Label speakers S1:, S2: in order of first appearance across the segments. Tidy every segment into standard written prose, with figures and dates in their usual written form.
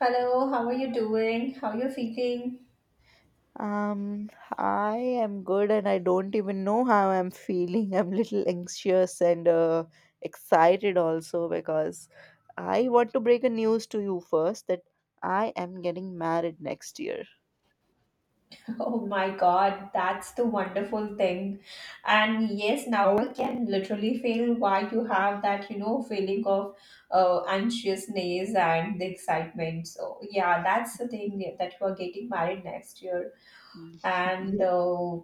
S1: Hello, how are you doing? How are you feeling?
S2: Um, I am good and I don't even know how I'm feeling. I'm little anxious and excited also because I want to break a news to you first that I am getting married next year.
S1: Oh my god, that's the wonderful thing. And yes, now I can literally feel why you have that, feeling of anxiousness and the excitement. So, yeah, that's the thing that you are getting married next year.
S2: Mhm.
S1: And
S2: Yeah.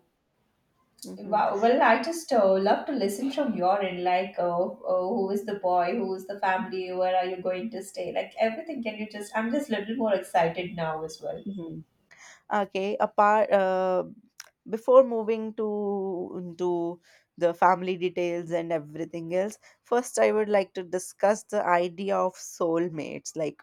S2: Mhm.
S1: Wow, well, I just love to listen from your end, like who is the boy, who is the family, where are you going to stay, like everything. Can you just, I'm just a little more excited now as well.
S2: Mhm. Okay, apart before moving to into the family details and everything else, first I would like to discuss the idea of soulmates. Like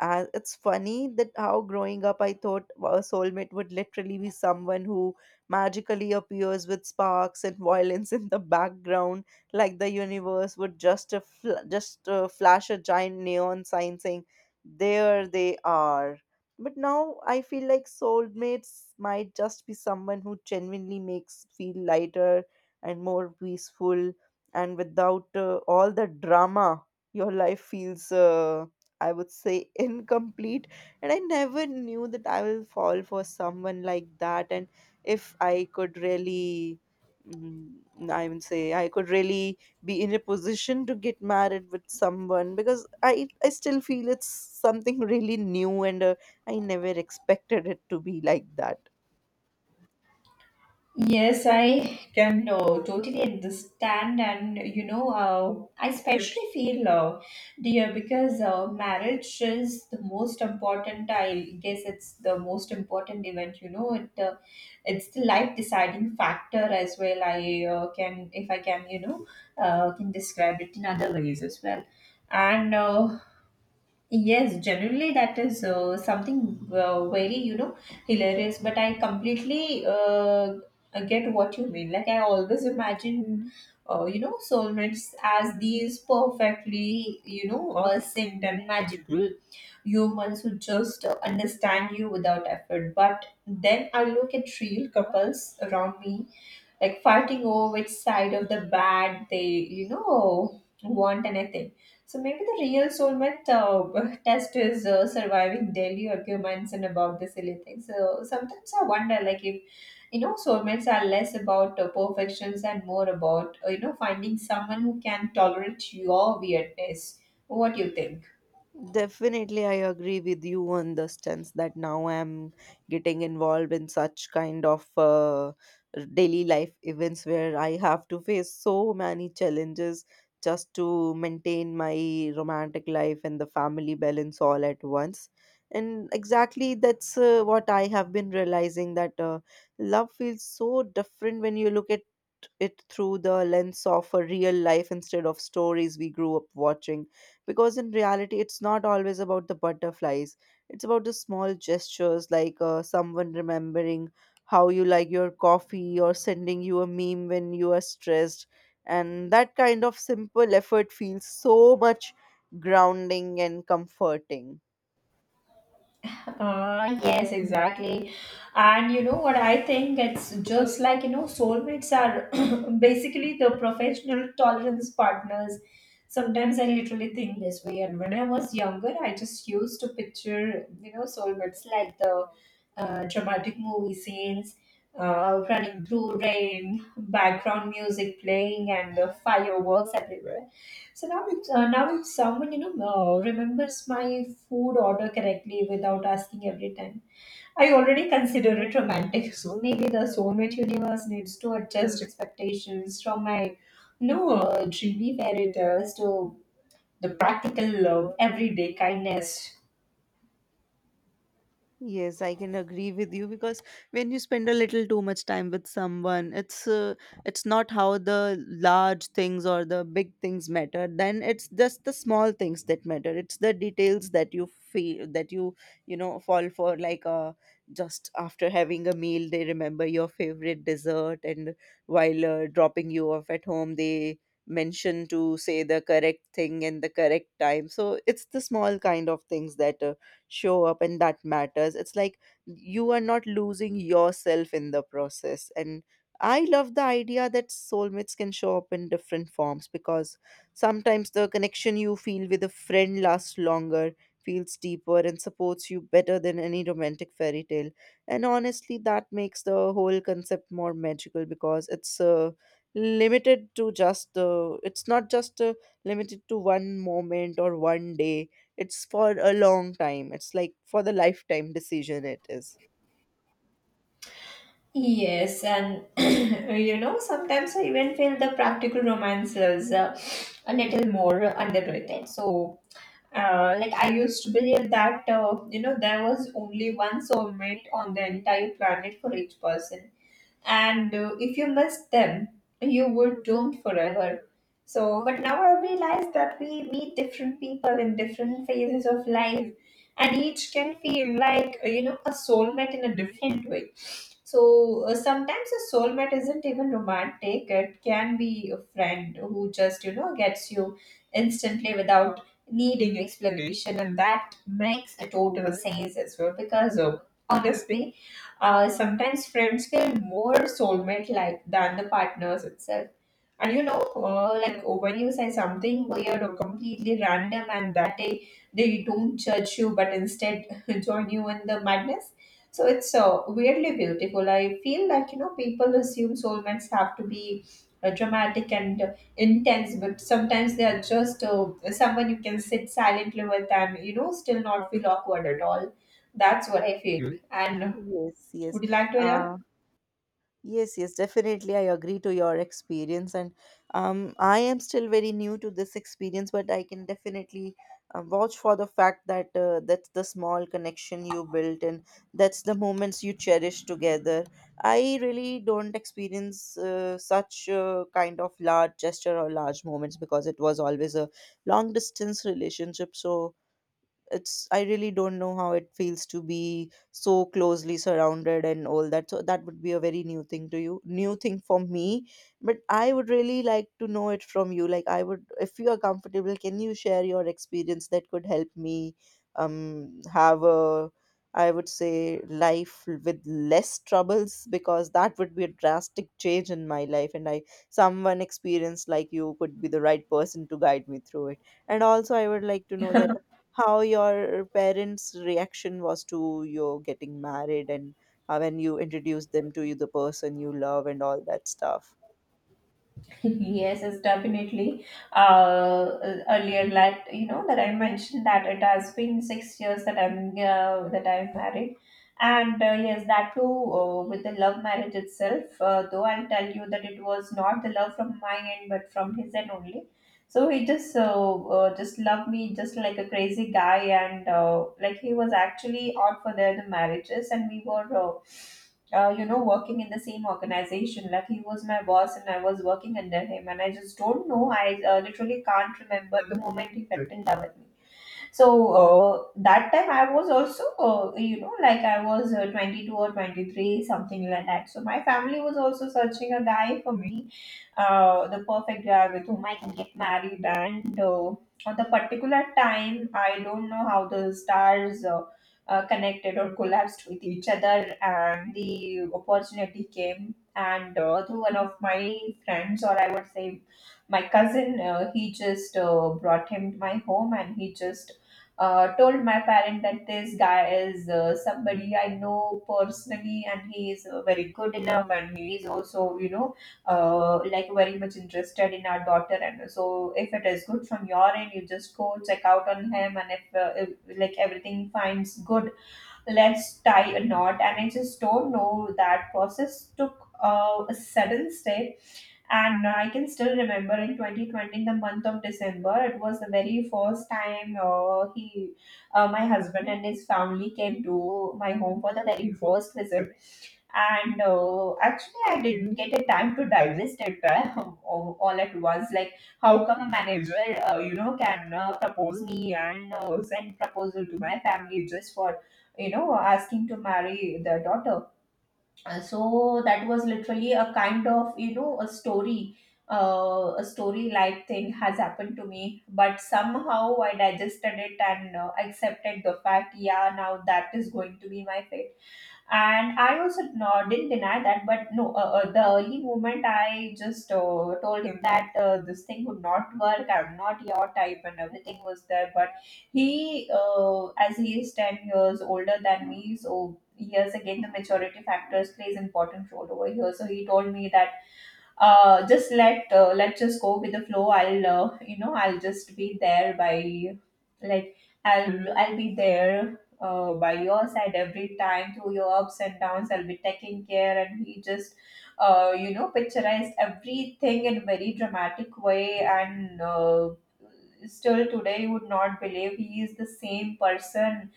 S2: uh, It's funny that how growing up I thought a soulmate would literally be someone who magically appears with sparks and violence in the background, like the universe would just flash a giant neon sign saying, "There they are." But now I feel like soulmates might just be someone who genuinely makes feel lighter and more peaceful, and without all the drama, your life feels. I would say incomplete. And I never knew that I will fall for someone like that. And if I could really, mm, I would say, I could really be in a position to get married with someone because I still feel it's something really new and I never expected it to be like that.
S1: Yes, I can totally understand, and you know, I especially feel, dear, because marriage is the most important. I guess it's the most important event. You know, it it's the life deciding factor as well. I Can, if I can, you know, can describe it in other ways as well. And Yes, generally that is something very, you know, hilarious, but I completely get what you mean. Like, I always imagine, you know, soulmates as these perfectly, you know, synced and magical humans who just understand you without effort. But then I look at real couples around me like fighting over which side of the bat they, you know, want and anything. So maybe the real soulmate test is surviving daily arguments and about the silly things. So sometimes I wonder like, if you know, soulmates are less about perfections and more about, you know, finding someone who can tolerate your weirdness. What do you think?
S2: Definitely, I agree with you on the stance that now I'm getting involved in such kind of daily life events where I have to face so many challenges just to maintain my romantic life and the family balance all at once. And exactly that's what I have been realizing that love feels so different when you look at it through the lens of a real life instead of stories we grew up watching, because in reality it's not always about the butterflies, it's about the small gestures like someone remembering how you like your coffee or sending you a meme when you are stressed, and that kind of simple effort feels so much grounding and comforting.
S1: Yes, exactly. And you know what? I think it's just like, you know, soulmates are basically the professional tolerance partners. Sometimes I literally think this way. And when I was younger, I just used to picture, you know, soulmates like the dramatic movie scenes, running through rain, background music playing, and the fireworks everywhere. So now if someone, you know, remembers my food order correctly without asking every time, I already consider it romantic. So maybe the soulmate universe needs to adjust expectations from my no dreamy fairy tales to the practical love, everyday kindness.
S2: Yes, I can agree with you because when you spend a little too much time with someone, it's not how the large things or the big things matter. Then it's just the small things that matter. It's the details that you feel that you know fall for. Just after having a meal, they remember your favorite dessert, and while dropping you off at home, they mention to say the correct thing and the correct time. So it's the small kind of things that show up, and that matters. It's like you are not losing yourself in the process, and I love the idea that soulmates can show up in different forms, because sometimes the connection you feel with a friend lasts longer, feels deeper, and supports you better than any romantic fairy tale. And honestly that makes the whole concept more magical because it's not just limited to one moment or one day. It's for a long time. It's like for the lifetime decision it is.
S1: Yes, and you know, sometimes I even feel the practical romances a little more underrated. So, like I used to believe that, you know, there was only one soulmate on the entire planet for each person, and if you missed them, you were doomed forever. So, but now I realize that we meet different people in different phases of life, and each can feel like, you know, a soulmate in a different way. So sometimes a soulmate isn't even romantic. It can be a friend who just, you know, gets you instantly without needing explanation, and that makes a total sense as well, because honestly, sometimes friends feel more soulmate like than the partners itself. And you know, like when you say something weird or completely random, and that day they don't judge you but instead join you in the madness. So it's weirdly beautiful. I feel like, you know, people assume soulmates have to be dramatic and intense, but sometimes they are just someone you can sit silently with and, you know, still not feel awkward at all. That's what I feel. And
S2: Yes, yes.
S1: would you like to add on?
S2: Uh, yes, yes, definitely. I agree to your experience. And I am still very new to this experience, but I can definitely vouch for the fact that that's the small connection you built and that's the moments you cherish together. I really don't experience such kind of large gesture or large moments, because it was always a long distance relationship. So, it's, I really don't know how it feels to be so closely surrounded and all that, so that would be a very new thing to you, new thing for me. But I would really like to know it from you. Like, I would, if you are comfortable, can you share your experience that could help me have a, I would say, life with less troubles, because that would be a drastic change in my life, and I, someone experienced like you could be the right person to guide me through it. And also I would like to know that how your parents' reaction was to your getting married, and when you introduced them to you, the person you love, and all that stuff.
S1: Yes, it's definitely. Uh, Earlier, that you know that I mentioned that it has been 6 years that I'm married, and yes, that too with the love marriage itself. Though I'll tell you that it was not the love from my end, but from his end only. So he just loved me just like a crazy guy, and like he was actually out for the marriages, and we were. You know, working in the same organization. Like he was my boss and I was working under him. And I just don't know. I literally can't remember the moment he fell in love with me. So that time I was also, you know, like I was 22 or 23, something like that. So my family was also searching a guy for me, the perfect guy with whom I can get married. And On the particular time, I don't know how the stars connected or collapsed with each other, and the opportunity came. And Through one of my friends, or I would say my cousin, he just brought him to my home, and he just told my parent that this guy is somebody I know personally, and he is very good enough, and he is also, you know, like very much interested in our daughter. And so if it is good from your end, you just go check out on him, and if like everything finds good, let's tie a knot. And I just don't know, that process took a sudden step. And I can still remember in 2020, the month of December, it was the very first time my husband and his family came to my home for the very first visit. And Actually, I didn't get a time to digest it all at once. Like, how come a manager, you know, can propose me and send proposal to my family just for, you know, asking to marry their daughter? So that was literally a kind of, you know, a story, a story like thing has happened to me. But somehow I digested it and accepted the fact, yeah, now that is going to be my fate. And I also didn't deny that. But no, the early moment, I just told him that this thing would not work, I'm not your type, and everything was there. But he as he is 10 years older than me, so years again, the maturity factors plays important role over here. So he told me that, just let's just go with the flow. I'll, you know, I'll just be there by, like, I'll be there by your side every time through your ups and downs. I'll be taking care. And he just you know, picturized everything in very dramatic way. And Still today, you would not believe he is the same person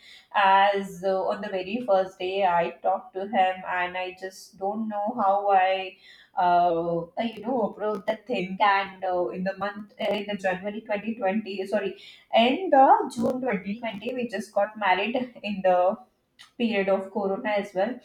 S1: as on the very first day I talked to him. And I just don't know how I you know, wrote the thing. And In the month, in the January 2020, sorry, in the June 2020, we just got married in the period of Corona as well.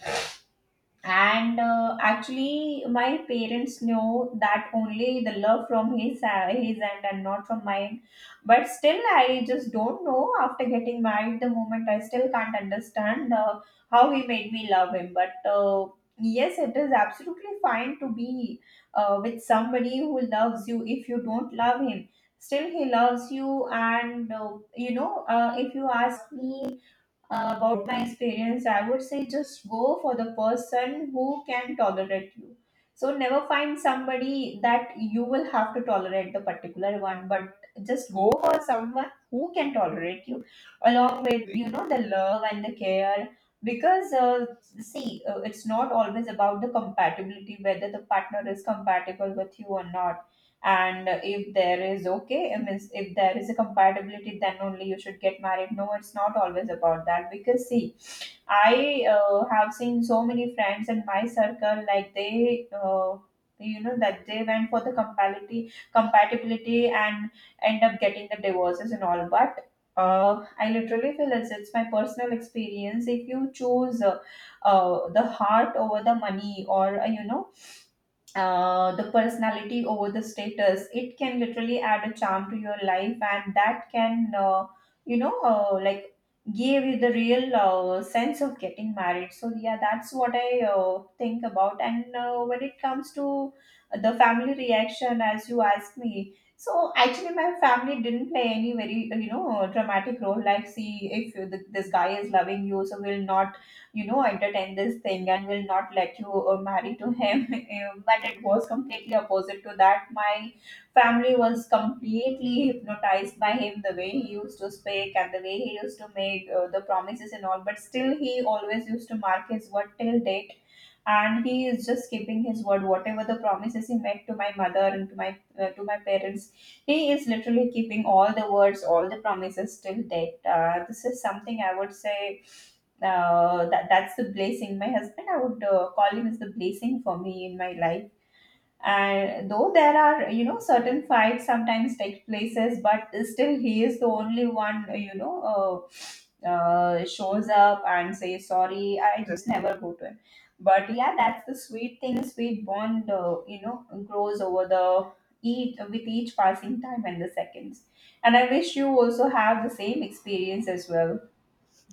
S1: And Actually, my parents know that only the love from his end, and not from mine. But still, I just don't know, after getting married the moment, I still can't understand how he made me love him. But yes, it is absolutely fine to be with somebody who loves you. If you don't love him, still he loves you. And you know, if you ask me about my experience, I would say just go for the person who can tolerate you. So never find somebody that you will have to tolerate the particular one, but just go for someone who can tolerate you, along with, you know, the love and the care. Because see, it's not always about the compatibility, whether the partner is compatible with you or not, and if there is, okay, if there is a compatibility, then only you should get married. No, it's not always about that. Because see, I have seen so many friends in my circle, like they you know, that they went for the compatibility and end up getting the divorces and all. But I literally feel it's my personal experience. If you choose the heart over the money, or you know, the personality over the status, it can literally add a charm to your life, and that can, you know, like, give you the real sense of getting married. So yeah, that's what I think about. And When it comes to the family reaction as you asked me, so actually my family didn't play any very you know, dramatic role like, see, if this guy is loving you, so we'll not, you know, entertain this thing and will not let you marry to him. But it was completely opposite to that. My family was completely hypnotized by him, the way he used to speak and the way he used to make the promises and all. But still, he always used to mark his word till date. And he is just keeping his word. Whatever the promises he made to my mother and to my parents, he is literally keeping all the words, all the promises till date. This is something I would say that that's the blessing. My husband, I would call him as the blessing for me in my life. And though there are, you know, certain fights sometimes take places, but still he is the only one shows up and says sorry. I just never go to him. But yeah, that's the sweet thing. Sweet bond, you know, grows over the each with each passing time and the seconds. And I wish you also have the same experience as well.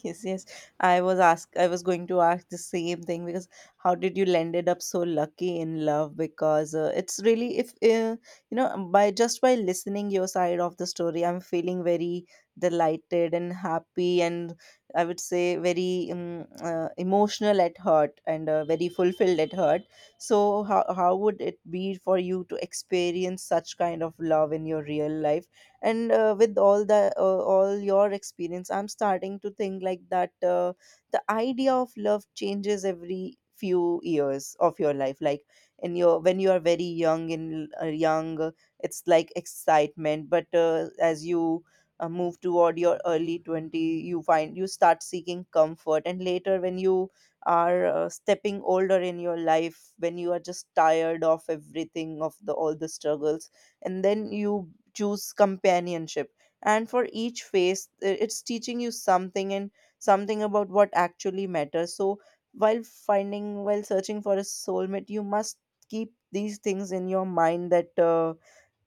S2: Yes, yes. I was going to ask the same thing because how did you landed up so lucky in love? Because it's really if by just by listening your side of the story, I'm feeling very delighted and happy, and I would say very emotional at heart and very fulfilled at heart. So how would it be for you to experience such kind of love in your real life? And with all the all your experience, I'm starting to think like that the idea of love changes every few years of your life. Like in your, when you are very young in young it's like excitement, but as you move toward your early 20 you find, you start seeking comfort, and later when you are stepping older in your life, when you are just tired of everything, of the all the struggles, and then you choose companionship. And for each phase it's teaching you something, and something about what actually matters. So while finding, while searching for a soulmate, you must keep these things in your mind, that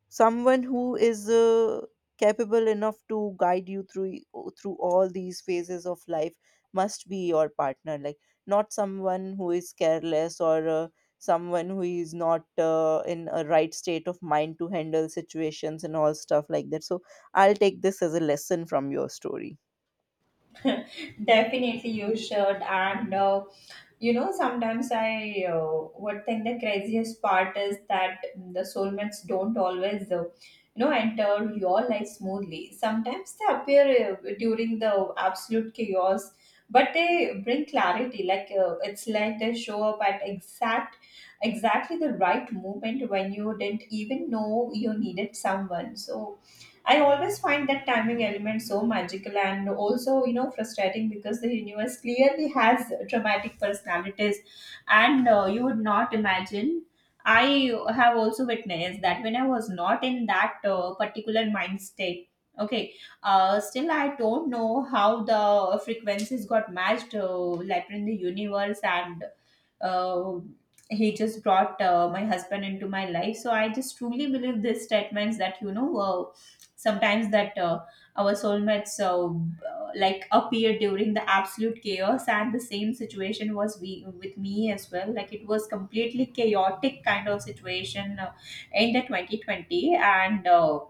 S2: someone who is capable enough to guide you through, through all these phases of life, must be your partner. Like not someone who is careless, or someone who is not in a right state of mind to handle situations and all stuff like that. So I'll take this as a lesson from your story.
S1: Definitely, you should. And you know, sometimes I would think the craziest part is that the soulmates don't always, enter your life smoothly. Sometimes they appear during the absolute chaos, but they bring clarity. Like it's like they show up at exactly the right moment when you didn't even know you needed someone. So I always find that timing element so magical and also, you know, frustrating because the universe clearly has dramatic personalities, and you would not imagine. I have also witnessed that when I was not in that particular mind state, okay, still I don't know how the frequencies got matched later in the universe, and uh, he just brought my husband into my life. So I just truly believe these statements that, you know, sometimes that our soulmates, like, appear during the absolute chaos, and the same situation was we with me as well. Like, it was completely chaotic kind of situation in the 2020, and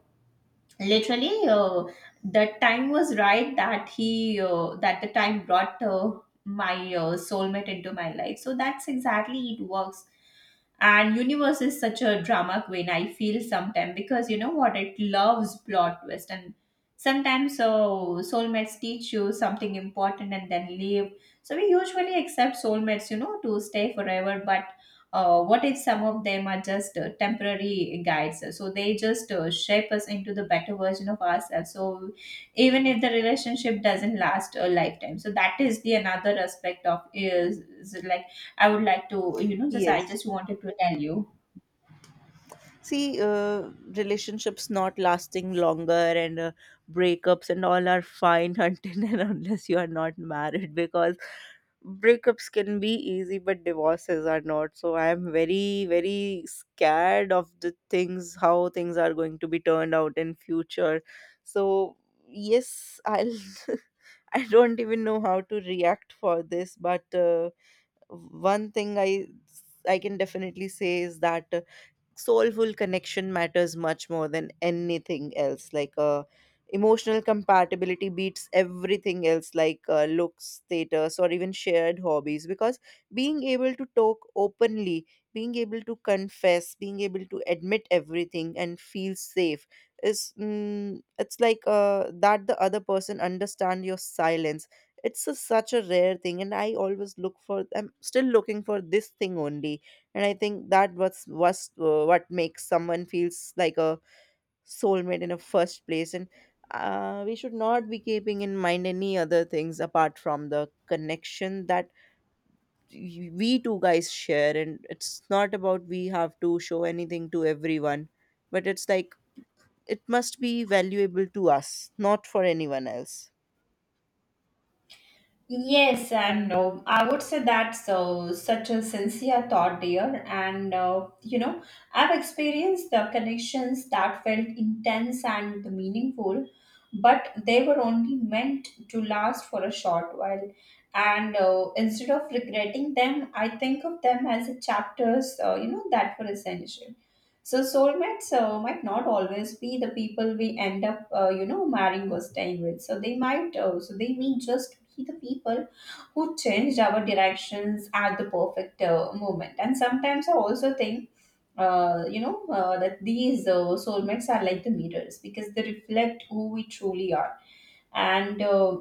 S1: literally that time was right that he that the time brought my soulmate into my life, so that's exactly it works. And universe is such a drama queen, I feel sometimes, because you know what? It loves plot twist. And sometimes so soulmates teach you something important and then leave. So we usually accept soulmates, you know, to stay forever. But what if some of them are just temporary guides? So they just shape us into the better version of ourselves. So even if the relationship doesn't last a lifetime, so that is the another aspect of, is like, I would like to, you know, just I
S2: Yes.
S1: just wanted to tell you.
S2: See, relationships not lasting longer and breakups and all are fine until and unless you are not married, because breakups can be easy but divorces are not. So I am very, very scared of the things, how things are going to be turned out in future. So yes, I'll. I don't even know how to react for this, but one thing I can definitely say is that soulful connection matters much more than anything else. Like emotional compatibility beats everything else, like looks, status, or even shared hobbies, because being able to talk openly, being able to confess, being able to admit everything and feel safe is, it's like that the other person understand your silence. It's a such a rare thing, and I always look for, I'm still looking for this thing only. And I think that was what makes someone feels like a soulmate in the first place. And we should not be keeping in mind any other things apart from the connection that we two guys share. And it's not about we have to show anything to everyone, but it's like it must be valuable to us, not for anyone else.
S1: Yes, and no, I would say that's such a sincere thought, dear. And you know, I've experienced the connections that felt intense and meaningful, but they were only meant to last for a short while. And instead of regretting them, I think of them as chapters, you know, that were essential. So soulmates might not always be the people we end up, you know, marrying or staying with. So they might, so they may just be the people who changed our directions at the perfect moment. And sometimes I also think, that these soulmates are like the mirrors because they reflect who we truly are. And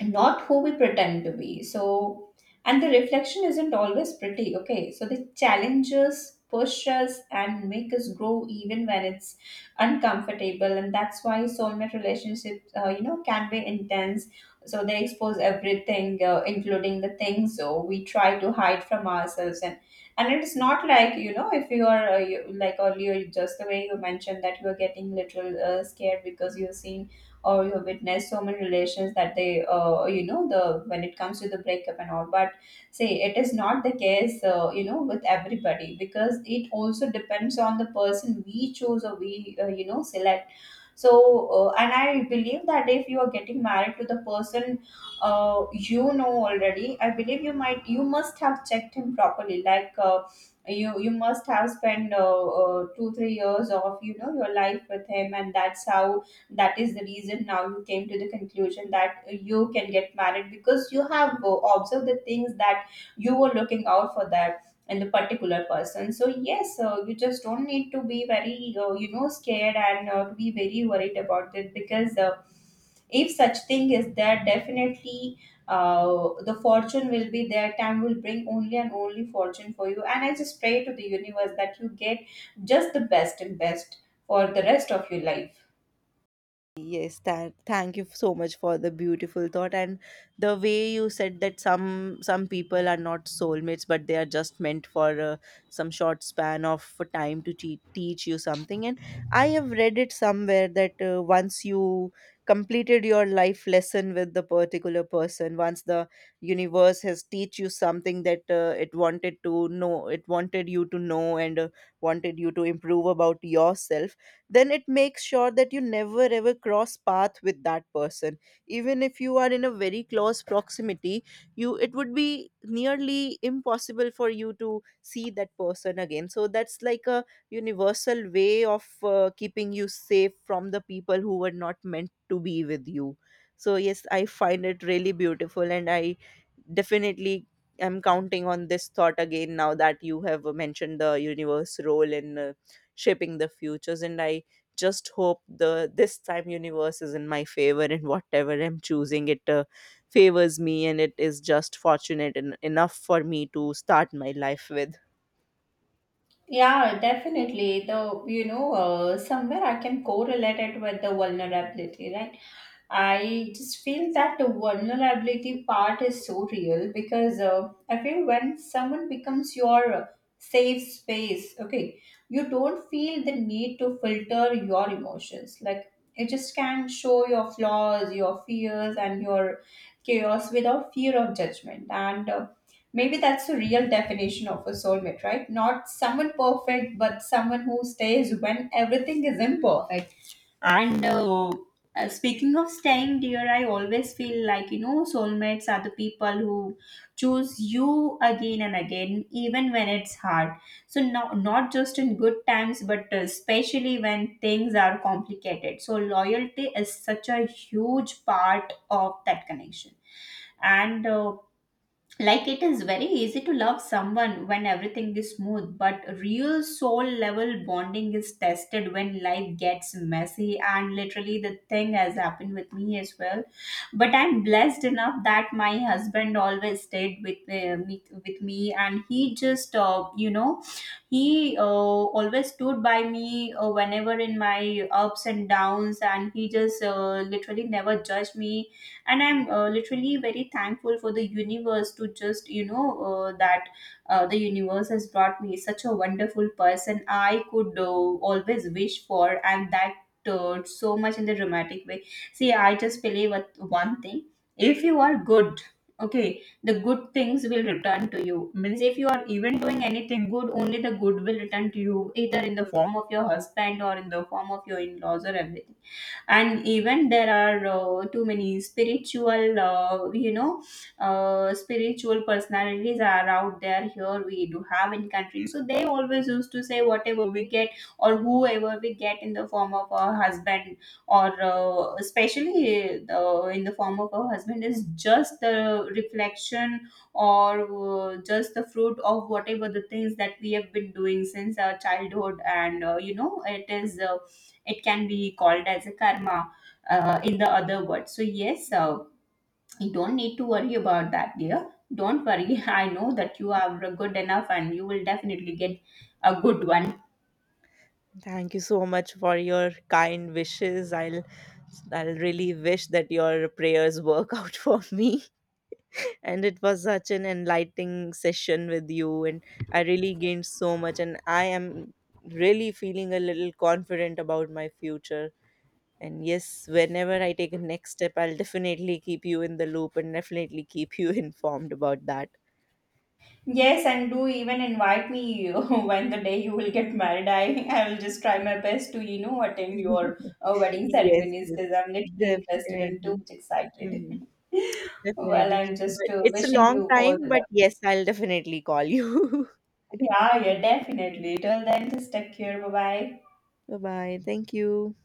S1: not who we pretend to be. So, and the reflection isn't always pretty, okay? So, the challenges push us and make us grow even when it's uncomfortable. And that's why soulmate relationships, you know, can be intense. So, they expose everything, including the things we try to hide from ourselves. And it's not like, you know, if you are like, earlier, just the way you mentioned that you are getting little scared because you've seen or you have witnessed so many relations that they, you know, the when it comes to the breakup and all, but see, it is not the case, you know, with everybody, because it also depends on the person we choose or we, you know, select. So and I believe that if you are getting married to the person, you know, already, I believe you might, you must have checked him properly, like, you you must have spent 2 3 years of, you know, your life with him, and that's how, that is the reason now you came to the conclusion that you can get married, because you have observed the things that you were looking out for that and the particular person. So yes, you just don't need to be very, you know, scared, and to be very worried about it, because if such thing is there, definitely the fortune will be there, time will bring only and only fortune for you, and I just pray to the universe that you get just the best and best for the rest of your life.
S2: Yes, thank you so much for the beautiful thought, and the way you said that some people are not soulmates but they are just meant for some short span of time to teach you something. And I have read it somewhere that once you completed your life lesson with the particular person, once the universe has teach you something that it wanted to know, it wanted you to know, and wanted you to improve about yourself, then it makes sure that you never ever cross path with that person. Even if you are in a very close proximity, you, it would be nearly impossible for you to see that person again. So that's like a universal way of keeping you safe from the people who were not meant to be with you. So yes, I find it really beautiful, and I definitely am counting on this thought again, now that you have mentioned the universe role in shaping the futures. And I just hope the, this time universe is in my favor, and whatever I'm choosing, it favors me, and it is just fortunate enough for me to start my life with.
S1: Yeah, definitely, the, you know, somewhere I can correlate it with the vulnerability, right? I just feel that the vulnerability part is so real, because I feel when someone becomes your safe space, okay, you don't feel the need to filter your emotions. Like, you just can show your flaws, your fears, and your chaos without fear of judgment. And maybe that's the real definition of a soulmate, right? Not someone perfect, but someone who stays when everything is imperfect. And speaking of staying, dear, I always feel like, you know, soulmates are the people who choose you again and again, even when it's hard. So, no, not just in good times, but especially when things are complicated. So, loyalty is such a huge part of that connection, and like, it is very easy to love someone when everything is smooth, but real soul level bonding is tested when life gets messy, and literally the thing has happened with me as well. But I'm blessed enough that my husband always stayed with me, and he just, you know, he always stood by me whenever in my ups and downs, and he just, literally never judged me. And I'm, literally very thankful for the universe, to just, you know, that the universe has brought me such a wonderful person I could always wish for. And that so much in the dramatic way. See, I just believe with one thing. If you are good, okay, the good things will return to you. Means if you are even doing anything good, only the good will return to you, either in the form of your husband or in the form of your in-laws or everything. And even there are too many spiritual, spiritual personalities are out there, here we do have in country, so they always used to say whatever we get or whoever we get in the form of a husband, or especially in the form of a husband, is just the reflection, or just the fruit of whatever the things that we have been doing since our childhood. And you know, it is it can be called as a karma in the other word. So yes, you don't need to worry about that, dear. Don't worry. I know that you are good enough and you will definitely get a good one.
S2: Thank you so much for your kind wishes. I'll really wish that your prayers work out for me. And it was such an enlightening session with you, and I really gained so much, and I am really feeling a little confident about my future. And yes, whenever I take a next step, I'll definitely keep you in the loop, and definitely keep you informed about that.
S1: Yes, and do even invite me when the day you will get married. I will just try my best to, you know, attend your wedding
S2: Yes,
S1: ceremonies,
S2: yes,
S1: because I'm literally interested and
S2: definitely.
S1: too much excited.
S2: Mhm.
S1: Well,
S2: Definitely.
S1: I'm just
S2: But it's a
S1: wishing
S2: long
S1: you all
S2: time,
S1: the
S2: but
S1: luck.
S2: yes, I'll definitely call you.
S1: Yeah, yeah, definitely. Till then, just take care. Bye bye.
S2: Bye bye. Thank you.